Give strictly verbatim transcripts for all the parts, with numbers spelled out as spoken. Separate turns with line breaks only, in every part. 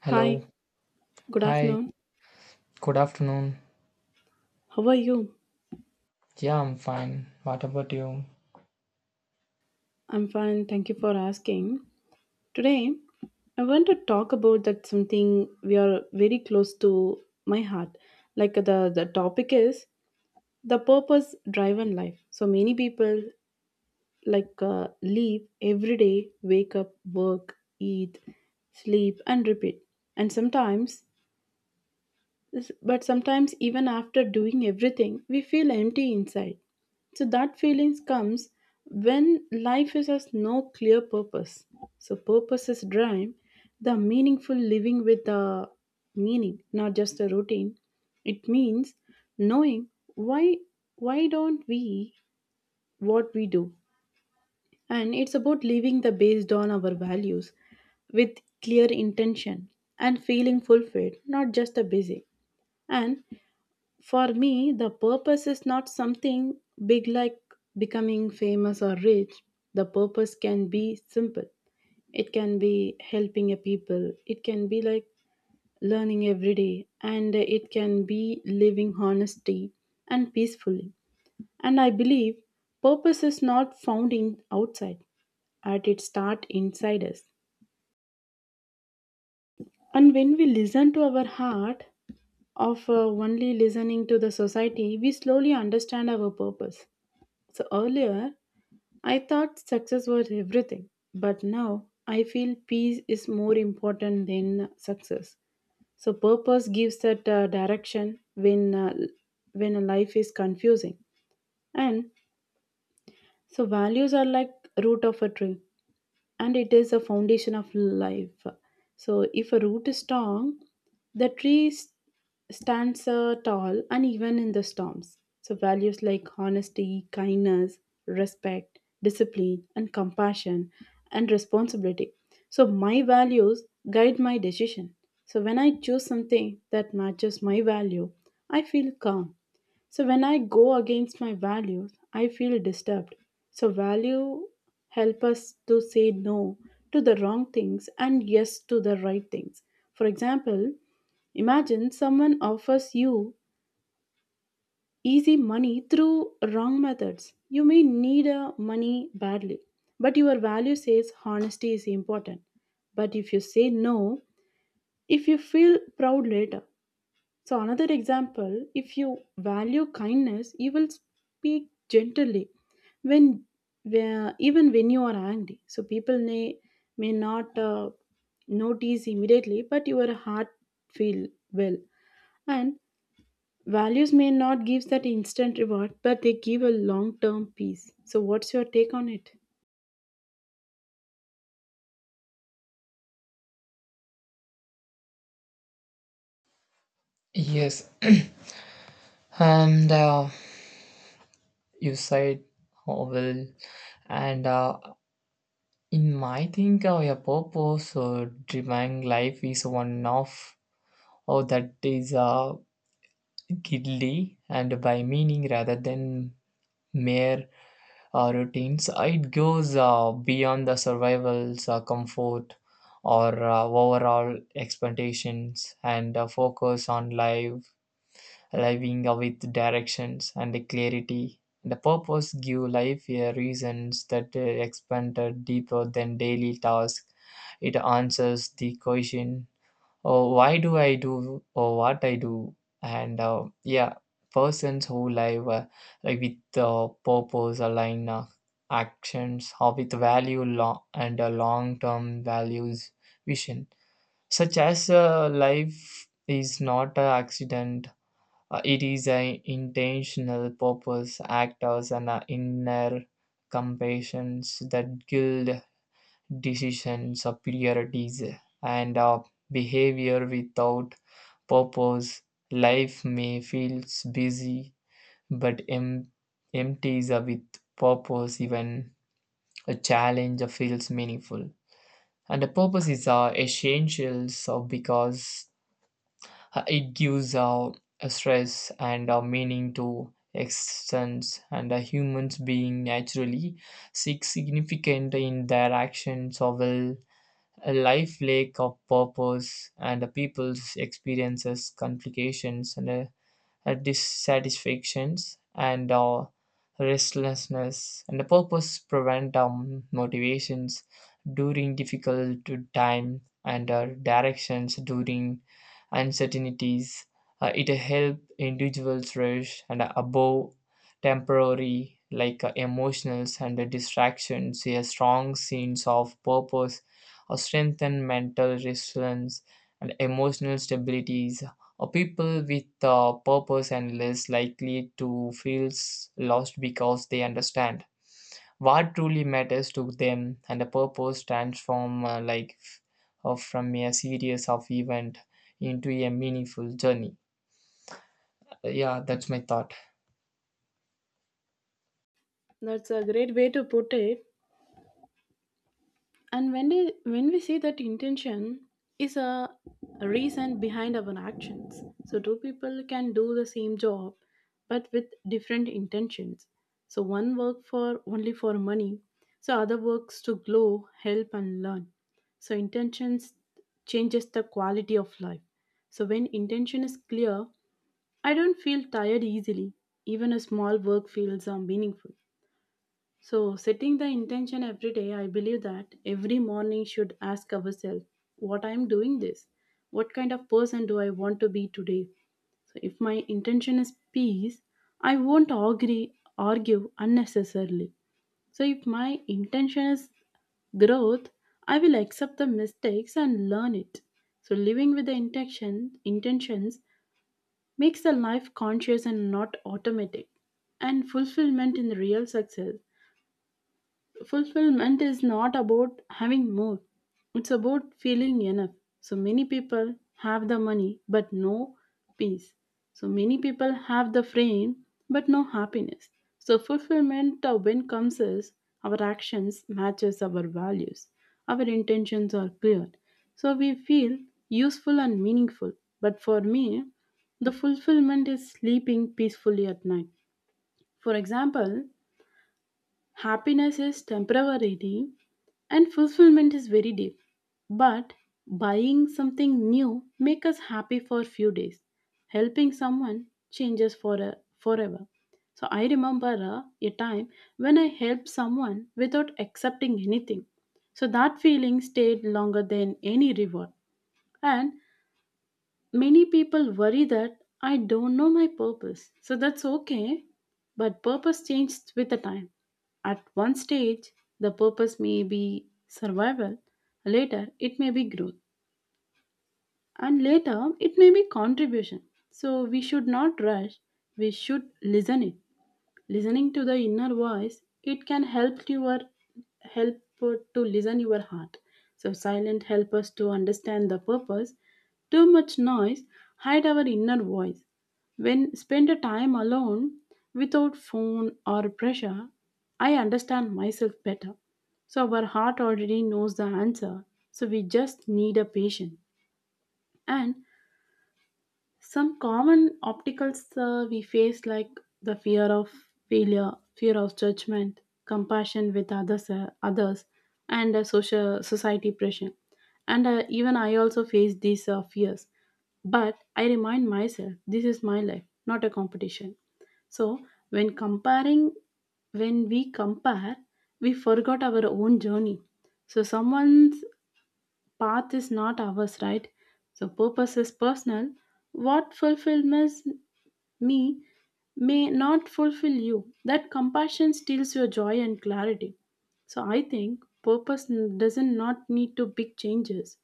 Hello.
Hi, good
Hi.
afternoon.
Good afternoon.
How are you?
Yeah, I'm fine. What about you?
I'm fine. Thank you for asking. Today, I want to talk about that something we are very close to my heart. Like the the topic is the purpose driven life. So many people like uh, live every day, wake up, work, eat, sleep, and repeat. And sometimes S- But sometimes, even after doing everything, we feel empty inside. So, that feelings comes when life is has no clear purpose. So, purpose is drive the meaningful living with the meaning, not just a routine. It means knowing why why don't we what we do, and it's about living the based on our values with clear intention and feeling fulfilled, not just a busy. And for me, the purpose is not something big like becoming famous or rich. The purpose can be simple. It can be helping a people. It can be like learning every day, and it can be living honestly and peacefully. And I believe purpose is not found in outside. At its start inside us. And when we listen to our heart, of uh, only listening to the society, we slowly understand our purpose. So earlier, I thought success was everything, but now I feel peace is more important than success. So purpose gives that uh, direction when uh, when a life is confusing, and so values are like root of a tree, and it is a foundation of life. So, if a root is strong, the tree s- stands uh, tall and even in the storms. So, values like honesty, kindness, respect, discipline, and compassion and responsibility. So, my values guide my decision. So, when I choose something that matches my value, I feel calm. So when I go against my values, I feel disturbed. So value help us to say no to the wrong things and yes to the right things. For example, imagine someone offers you easy money through wrong methods. You may need a money badly, but your value says honesty is important. But if you say no, if you feel proud later, so, another example, if you value kindness, you will speak gently when, where, even when you are angry. So, people may, may not uh, notice immediately, but your heart feel well. And values may not give that instant reward, but they give a long term peace. So, what's your take on it?
Yes. And uh, you said oh, well, and uh, in my think, uh, your purpose or driving life is one of oh, that is uh, gidly and by meaning rather than mere uh, routines. It goes uh, beyond the survival's uh, comfort or uh, overall expectations and uh, focus on life, living uh, with directions and the clarity. The purpose give life uh, reasons that uh, expand uh, deeper than daily tasks. It answers the question uh, why do I do or what I do, and uh, yeah, persons who live uh, like with uh, purpose align uh, actions or with value long and uh, long term values vision, such as uh, life is not an accident. Uh, it is an intentional purpose, actors, and uh, inner compassions that guild decisions, uh, priorities, and uh, behavior without purpose. Life may feel busy but em- empties are with purpose, even a challenge feels meaningful. And the purpose is uh, essential so because uh, it gives uh, a stress and a meaning to existence, and a human's being naturally seek significant in their actions or will a life lack of purpose, and the people's experiences complications and uh, uh, dissatisfactions and uh, restlessness, and the purpose prevent um, motivations during difficult time and uh, directions during uncertainties. Uh, it help individuals rush and above temporary like uh, emotions and the distractions, a strong sense of purpose or strengthen mental resilience and emotional stability. Uh, people with uh, purpose and less likely to feel s- lost because they understand what truly matters to them, and the purpose transform uh, life uh, from a series of event into a meaningful journey. Yeah, that's my thought.
That's a great way to put it. And when they, when we see that intention is a reason behind our actions, so two people can do the same job but with different intentions. So one work for only for money, so other works to glow, help and learn. So intentions changes the quality of life. So when intention is clear, I don't feel tired easily. Even a small work feels uh, meaningful. So, setting the intention every day, I believe that every morning should ask ourselves what I am doing this. What kind of person do I want to be today? So, if my intention is peace, I won't agree, argue unnecessarily. So, if my intention is growth, I will accept the mistakes and learn it. So, living with the intention, intentions makes the life conscious and not automatic. And fulfillment in real success, fulfillment is not about having more, it's about feeling enough. So many people have the money but no peace. So many people have the fame but no happiness. So fulfillment uh, when comes is our actions matches our values, our intentions are clear. So we feel useful and meaningful. But for me, the fulfillment is sleeping peacefully at night. For example, happiness is temporary and fulfillment is very deep. But buying something new makes us happy for a few days. Helping someone changes for a, forever. So I remember uh, a time when I helped someone without accepting anything. So that feeling stayed longer than any reward. And many people worry that I don't know my purpose. So that's okay. But purpose changes with the time. At one stage, the purpose may be survival. Later, it may be growth. And later, it may be contribution. So we should not rush. We should listen it, listening to the inner voice. It can help your help to listen your heart. So silent help us to understand the purpose. Too much noise hide our inner voice. When spend a time alone without phone or pressure, I understand myself better. So our heart already knows the answer. So we just need a patient. And some common obstacles uh, we face, like the fear of failure, fear of judgment, compassion with others, uh, others, and uh, social society pressure. And uh, even I also face these uh, fears. But I remind myself, this is my life, not a competition. So when comparing, when we compare, we forgot our own journey. So someone's path is not ours, right? So purpose is personal. What fulfills me may not fulfill you. That compassion steals your joy and clarity. So I think purpose n- doesn't not need to big changes.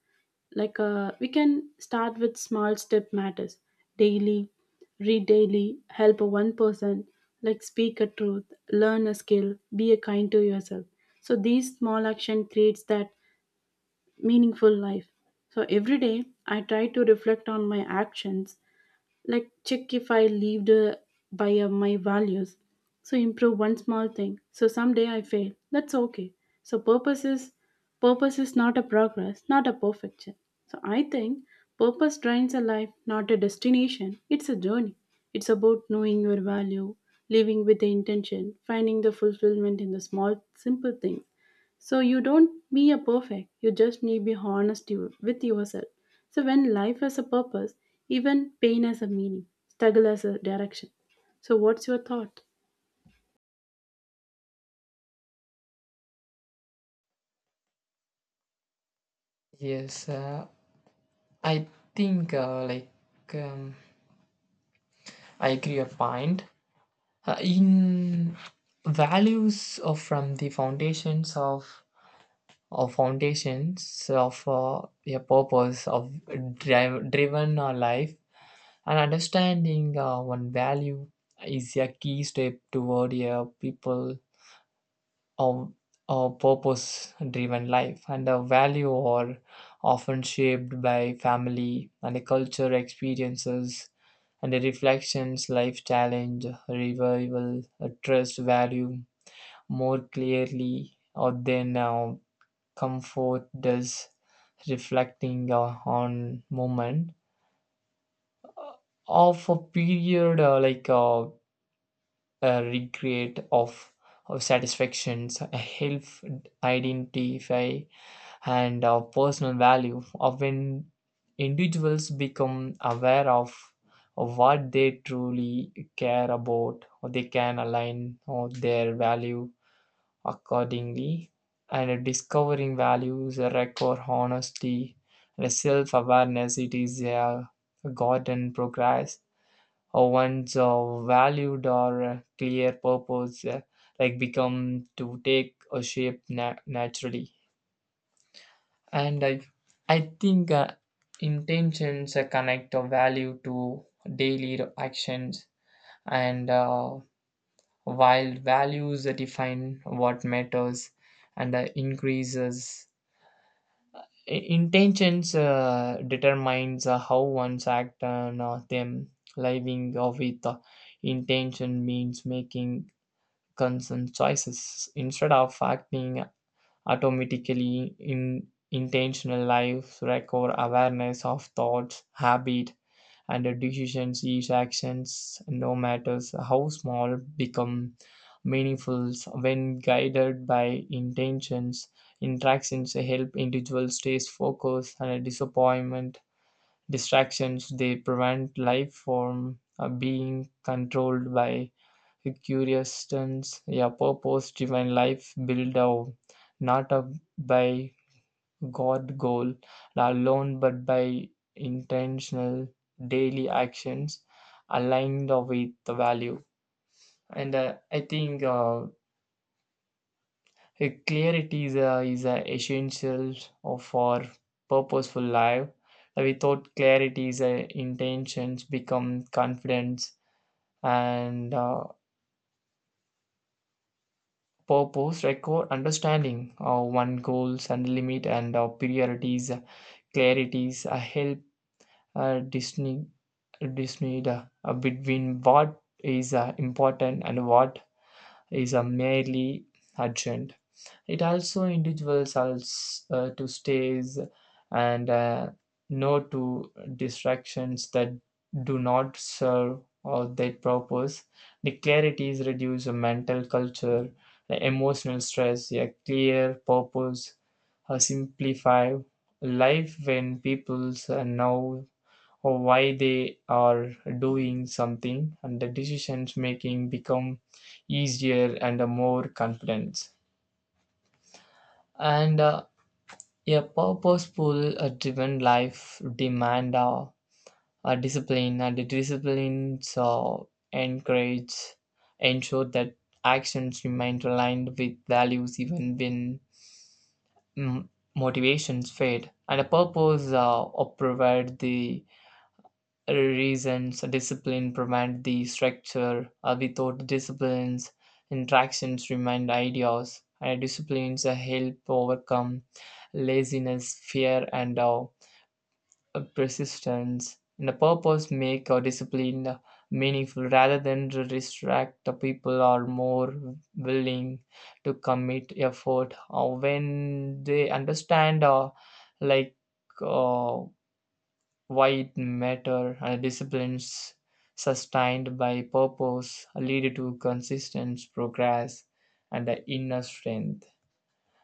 Like uh, we can start with small step matters daily, read daily, help one person, like speak a truth, learn a skill, be a kind to yourself. So these small action creates that meaningful life. So every day I try to reflect on my actions, like check if I lived uh, by uh, my values. So improve one small thing. So someday I fail. That's okay. So purpose is purpose is not a progress, not a perfection. So I think purpose drives a life, not a destination. It's a journey. It's about knowing your value, living with the intention, finding the fulfillment in the small, simple things. So you don't be a perfect. You just need be honest you- with yourself. So, when life has a purpose, even pain has a meaning, struggle has a direction. So, what's your thought?
yes uh, I think uh, like um, I agree a point uh, in values of from the foundations of or foundations of uh, a purpose of drive, driven uh, life, and understanding uh, one value is a key step toward a people of a purpose driven life, and the value are often shaped by family and the culture experiences and the reflections life challenge revival uh, trust value more clearly or than uh, comfort does. Reflecting uh, on moment of a period uh, like uh, a recreate of, of satisfactions a help identify and uh, personal value of when individuals become aware of, of what they truly care about, or they can align or their value accordingly, and discovering values require honesty and self-awareness. It is a garden progress. Or one's uh, valued or uh, clear purpose, uh, like become to take a shape na- naturally. And I, I think uh, intentions uh, connect a value to daily actions and. Uh, while values define what matters and the increases, I- intentions uh, determines uh, how one's act on uh, them. Living uh, with uh, intention means making conscious choices instead of acting automatically. In intentional life require awareness of thoughts habit and the decisions, each actions no matters how small become meaningful when guided by intentions. Interactions help individuals stay focused and disappointment distractions, they prevent life from uh, being controlled by curious turns. Yeah, purpose driven life build up, not up, by God goal alone but by intentional daily actions aligned with the value. And uh, I think uh, a clarity is, a, is a essential of for purposeful life. Uh, Without clarity, is a intentions become confidence and uh, purpose record understanding of one goals and limit and uh, priorities. Uh, clarities uh, help uh, Disney, dismayed uh, between what is uh, important and what is uh, merely urgent. It also individuals als- uh, to stays and uh, no to distractions that do not serve or their purpose. The clarity is reduce mental culture, the emotional stress, a clear purpose, uh, simplify life. When people uh, know or why they are doing something, and the decisions making become easier and uh, more confident. And uh, a purposeful uh, driven life demand uh, a discipline, and the disciplines uh, encourage ensure that actions remain aligned with values even when mm, motivations fade, and a purpose uh, provide the reasons. Discipline prevent the structure uh, without disciplines interactions remind ideas, and disciplines uh, help overcome laziness fear and uh, persistence, and the purpose make our discipline uh, meaningful rather than to distract. The people are more willing to commit effort uh, when they understand uh, like uh, why it matter, and disciplines sustained by purpose lead to consistent progress and the inner strength.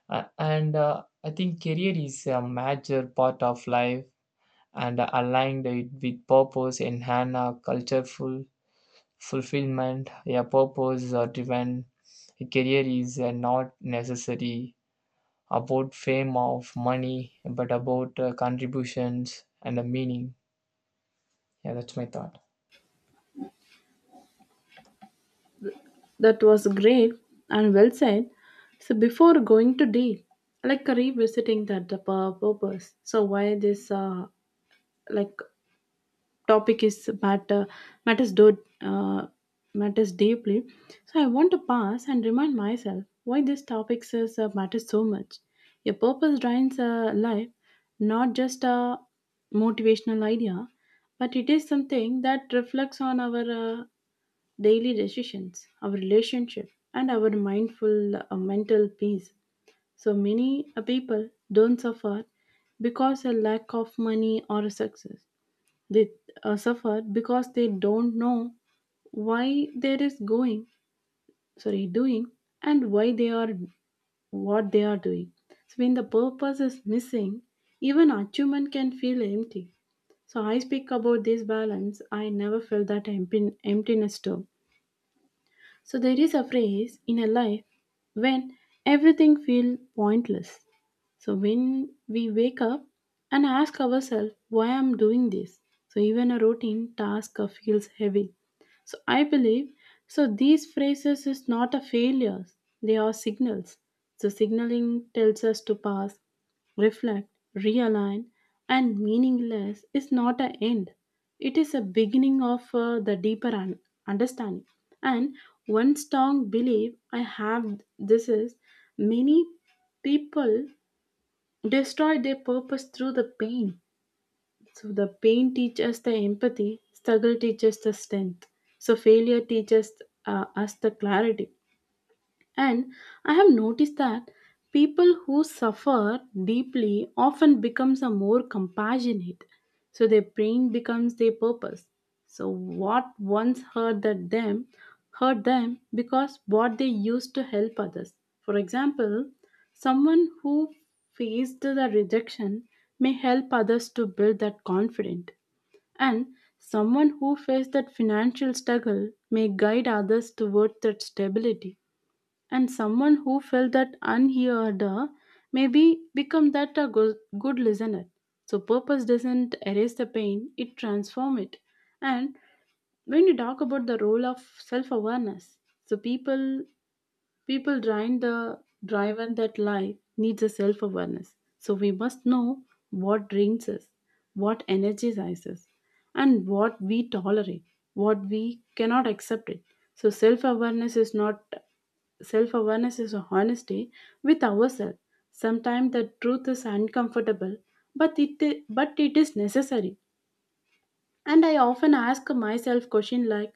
A- and uh, I think career is a major part of life, and uh, aligned it with purpose enhance a cultureful fulfillment. A purpose or driven career is uh, not necessary about fame of money but about uh, contributions and the meaning. Yeah, that's my thought.
That was great and well said. So, before going to deal, like revisiting that the pur- purpose. So, why this uh, like topic is matter matters do uh, matters deeply. So I want to pause and remind myself why this topic is, uh, matters so much. Your purpose drives uh, life, not just a motivational idea, but it is something that reflects on our uh, daily decisions, our relationship, and our mindful uh, mental peace. So many uh, people don't suffer because a lack of money or success. They uh, suffer because they don't know why there is going sorry doing and why they are what they are doing. So when the purpose is missing, even achievement can feel empty. So I speak about this balance, I never felt that empty, emptiness too. So there is a phrase in a life when everything feels pointless. So when we wake up and ask ourselves why I'm doing this. So even a routine task uh, feels heavy. So I believe so these phrases is not a failures. They are signals. So signaling tells us to pass, reflect, realign, and meaningless is not an end. It is a beginning of uh, the deeper un- understanding. And one strong belief I have this is many people destroy their purpose through the pain. So the pain teaches the empathy, struggle teaches the strength. So failure teaches uh, us the clarity. And I have noticed that people who suffer deeply often becomes a more compassionate. So their pain becomes their purpose. So what once hurt that them hurt them because what they used to help others. For example, someone who faced the rejection may help others to build that confidence. And someone who faced that financial struggle may guide others towards that stability. And someone who felt that unheard uh, maybe become that a good, good listener. So purpose doesn't erase the pain, it transform it. And when you talk about the role of self awareness, so people People drive the driven that life needs a self awareness. So we must know what drains us, what energizes us, and what we tolerate, what we cannot accept it. So self awareness is not self awareness is a honesty with ourselves. Sometimes the truth is uncomfortable, but it but it is necessary. And I often ask myself question like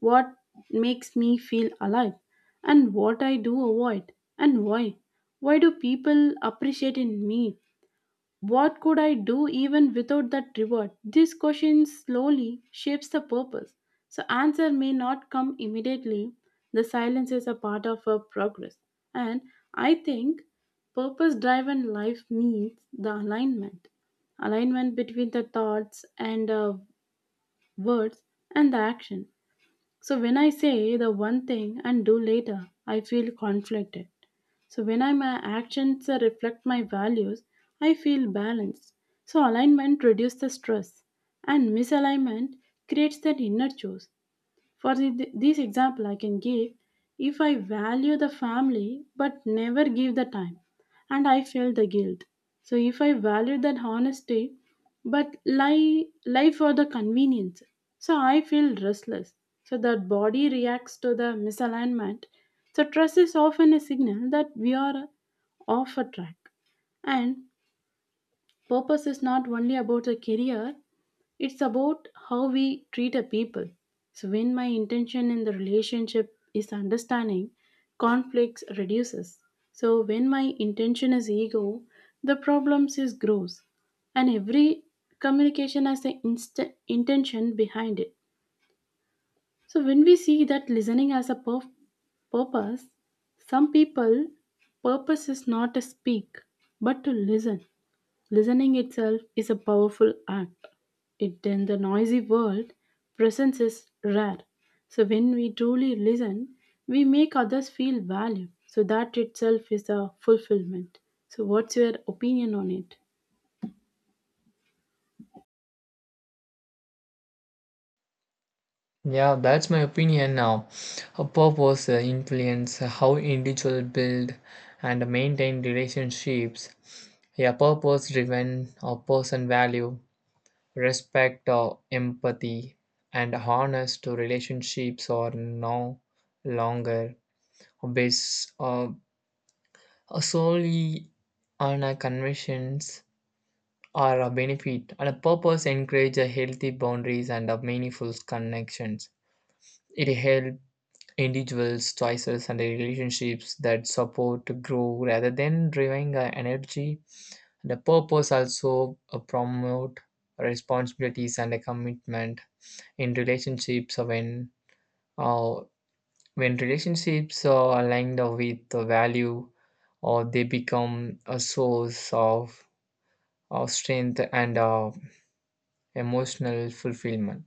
what makes me feel alive, and what I do avoid and why. Why do people appreciate in me? What could I do even without that reward? This question slowly shapes the purpose. So answer may not come immediately. The silence is a part of our progress. And I think purpose driven life means the alignment alignment between the thoughts and uh, words and the action. So when I say the one thing and do later, I feel conflicted. So when I, my actions uh, reflect my values, I feel balanced. So alignment reduces the stress, and misalignment creates that inner choice. For the, this example, I can give if I value the family but never give the time, and I feel the guilt. So if I value that honesty but lie lie for the convenience, so I feel restless. So that body reacts to the misalignment. So trust is often a signal that we are off a track. And purpose is not only about a career, it's about how we treat a people. So when my intention in the relationship is understanding, conflicts reduces. So when my intention is ego, the problems is grows. And every communication has an inst- intention behind it. So when we see that listening as a purf- purpose, some people purpose is not to speak, but to listen. Listening itself is a powerful act. It in the noisy world, presence is rare. So when we truly listen, we make others feel valued. So that itself is a fulfillment. So what's your opinion on it?
Yeah, that's my opinion now. A purpose uh, influence how individuals build and maintain relationships. Yeah, purpose-driven a person value respect or empathy and honest to relationships are no longer based uh, solely on a convictions or a benefit. And a purpose encourage a healthy boundaries and a meaningful connections. It helps individuals, choices, and the relationships that support grow rather than driving uh, energy. The purpose also uh, promote responsibilities and a commitment in relationships when uh, when relationships are aligned with the value, or they become a source of, of strength and uh, emotional fulfillment.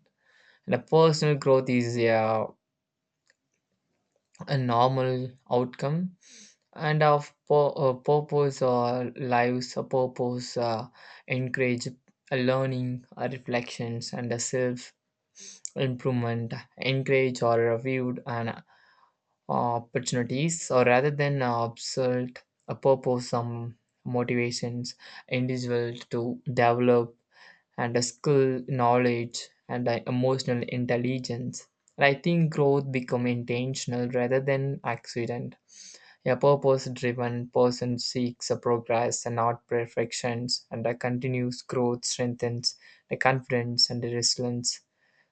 And a personal growth is uh, a normal outcome and of pur- uh, purpose or lives. A purpose uh, encourage a learning, a reflections and a self improvement, encourage or viewed and uh, opportunities or rather than uh, obsolete. A purpose some motivations individual to develop and a skill knowledge and uh, emotional intelligence, and I think growth become intentional rather than accident. A purpose driven person seeks a progress and not perfections, and a continuous growth strengthens the confidence and the resilience.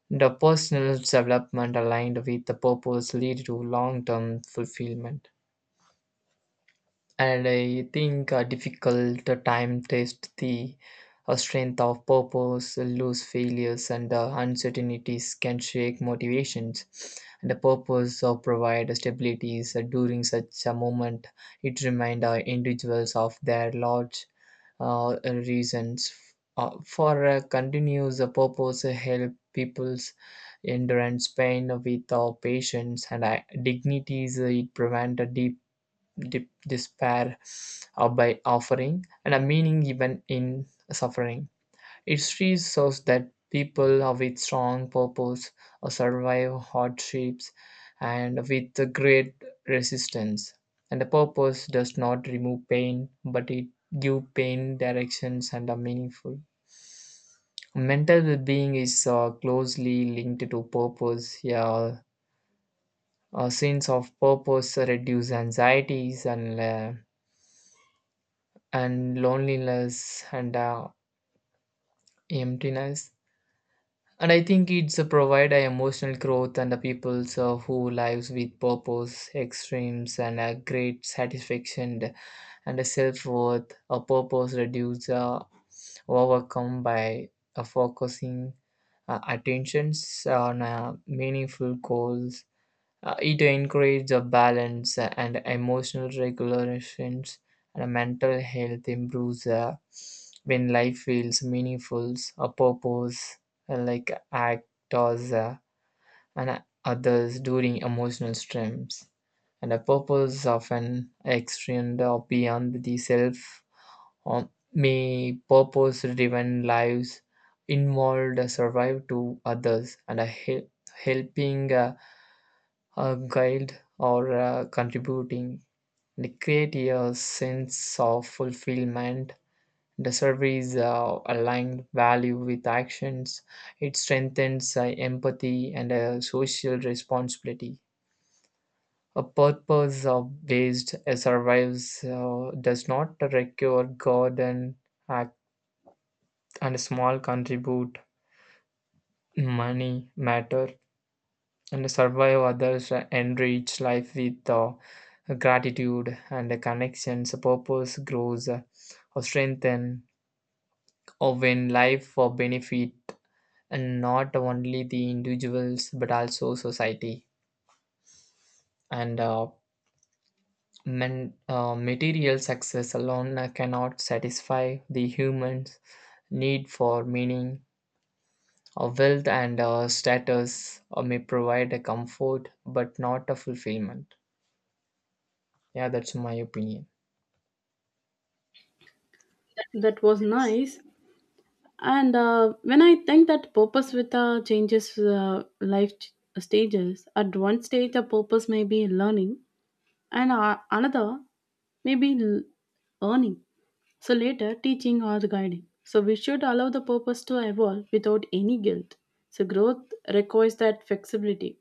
The personal development aligned with the purpose lead to long term fulfillment. And I think a difficult time test the uh, strength of purpose, loose failures, and uh, uncertainties can shake motivations. And the purpose of provide stabilities uh, during such a moment. It remind uh, individuals of their large uh, reasons uh, for uh, continuous uh, purpose uh, help people's endurance pain with uh, patience and uh, dignities. Uh, it prevent a deep dip, despair uh, by offering and a meaning even in suffering. History shows that people are with strong purpose uh, survive hardships and with a great resistance. And the purpose does not remove pain, but it gives pain directions and are meaningful. Mental well-being is uh, closely linked to purpose. Yeah, a sense of purpose reduce anxieties and uh, and loneliness and uh, emptiness, and I think it's a provide a emotional growth and the people so who lives with purpose extremes and a great satisfaction and a self-worth. A purpose reduce uh, overcome by uh, focusing uh, attentions on uh, meaningful goals. Uh, it encourages a balance and emotional regulations, and mental health improves uh, when life feels meaningful. A purpose uh, like actors uh, and others during emotional strains. And a purpose often extend or beyond the self, or may purpose driven lives involved survive to others, and a hel- helping uh, a guide or uh, contributing, they create a sense of fulfillment. The service uh, aligned value with actions, it strengthens uh, empathy and uh, social responsibility. A purpose of based uh, survives uh, does not require god and act, and small contribute money matter, and survive others uh, enrich life with uh, gratitude and connections. Purpose grows uh, or strengthen or when life for benefit, and not only the individuals but also society. and uh, men, uh, Material success alone uh, cannot satisfy the humans need for meaning, or wealth and uh, status uh, may provide a comfort but not a fulfillment. Yeah, that's my opinion.
That was nice. And uh, when I think that purpose with uh, changes uh, life ch- uh, stages, at one stage the purpose may be learning, and uh, another may be l- earning. So later, teaching or guiding. So we should allow the purpose to evolve without any guilt. So growth requires that flexibility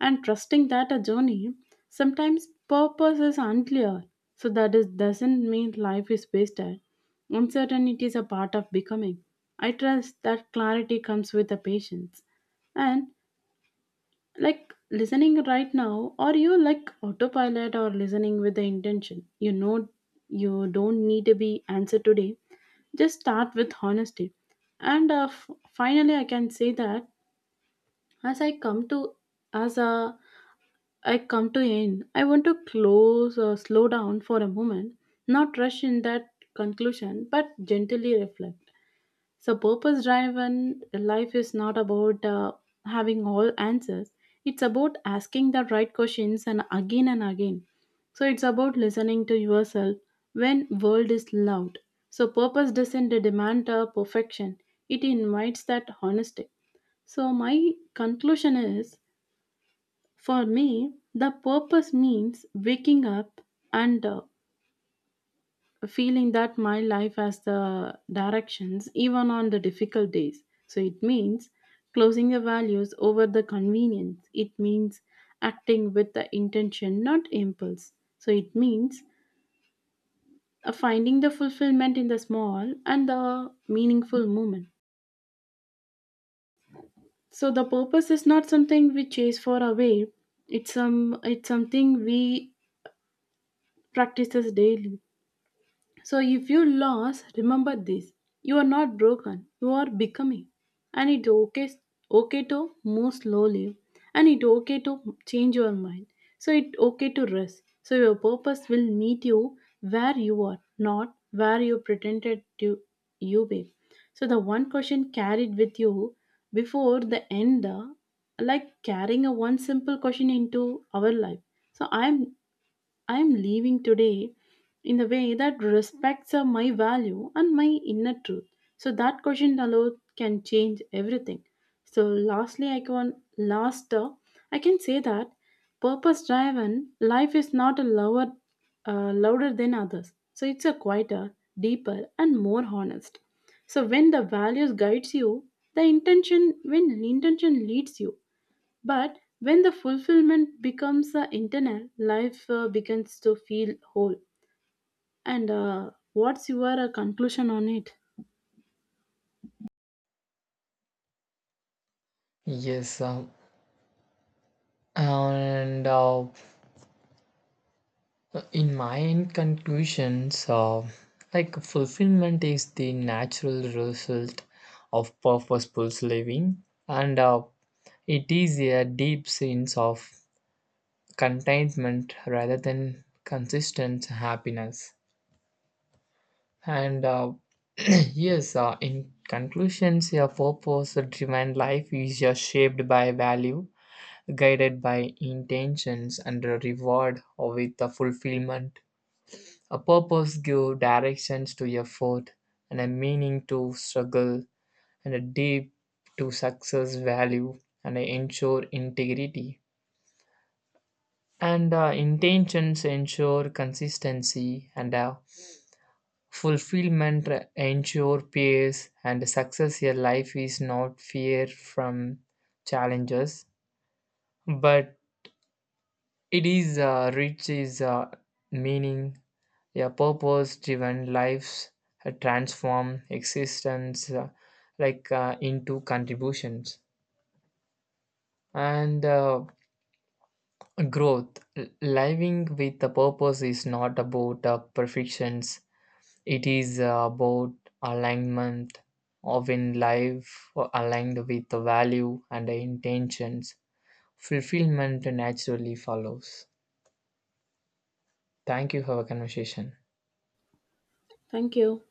and trusting that a journey sometimes purpose is unclear. So that is doesn't mean life is wasted. Uncertainty is a part of becoming. I trust that clarity comes with the patience. And like listening right now or you like autopilot or listening with the intention, you know, you don't need to be answered today, just start with honesty and uh, f- finally I can say that as I come to as uh, I come to end. I want to close or slow down for a moment, not rush in that conclusion but gently reflect. So, purpose driven life is not about uh, having all answers, it's about asking the right questions and again and again. So, it's about listening to yourself when world is loud. So, purpose doesn't demand uh, perfection, it invites that honesty. So, my conclusion is for me, the purpose means waking up and uh, feeling that my life has the directions even on the difficult days. So it means closing the values over the convenience. It means acting with the intention, not impulse. So it means uh, finding the fulfillment in the small and the meaningful moment. So the purpose is not something we chase for away. It's some it's something we practices daily. So if you lost, remember this. You are not broken. You are becoming. And it's okay okay to move slowly. And it's okay to change your mind. So it's okay to rest. So your purpose will meet you where you are, not where you pretended to you be. So the one question carried with you before the end, uh, like carrying a one simple question into our life. So I'm I'm leaving today in a way that respects uh, my value and my inner truth. So that question alone can change everything. So lastly, I can last uh, I can say that purpose driven life is not a lower uh, louder than others. So it's a quieter, deeper, and more honest. So when the values guides you, the intention when intention leads you, but when the fulfillment becomes uh, internal, life uh, begins to feel whole. And uh, what's your uh, conclusion on it?
Yes, um, and uh, In my conclusions, uh, like fulfillment is the natural result of purposeful living, and uh, it is a deep sense of contentment rather than consistent happiness. And uh, yes, uh, in conclusions, a purpose-driven life is just shaped by value, guided by intentions and a reward or with the fulfillment. A purpose gives directions to effort and a meaning to struggle and a deep to success value and ensure integrity. And uh, intentions ensure consistency and uh, fulfillment ensure peace and success. Your life is not fear from challenges, but it is uh, rich is uh, meaning. A purpose driven lives uh, transform existence uh, like uh, into contributions and uh, growth. L- living with a purpose is not about uh, perfections, it is uh, about alignment of in life uh, aligned with the value and the intentions, fulfillment naturally follows. Thank you for our conversation.
Thank you.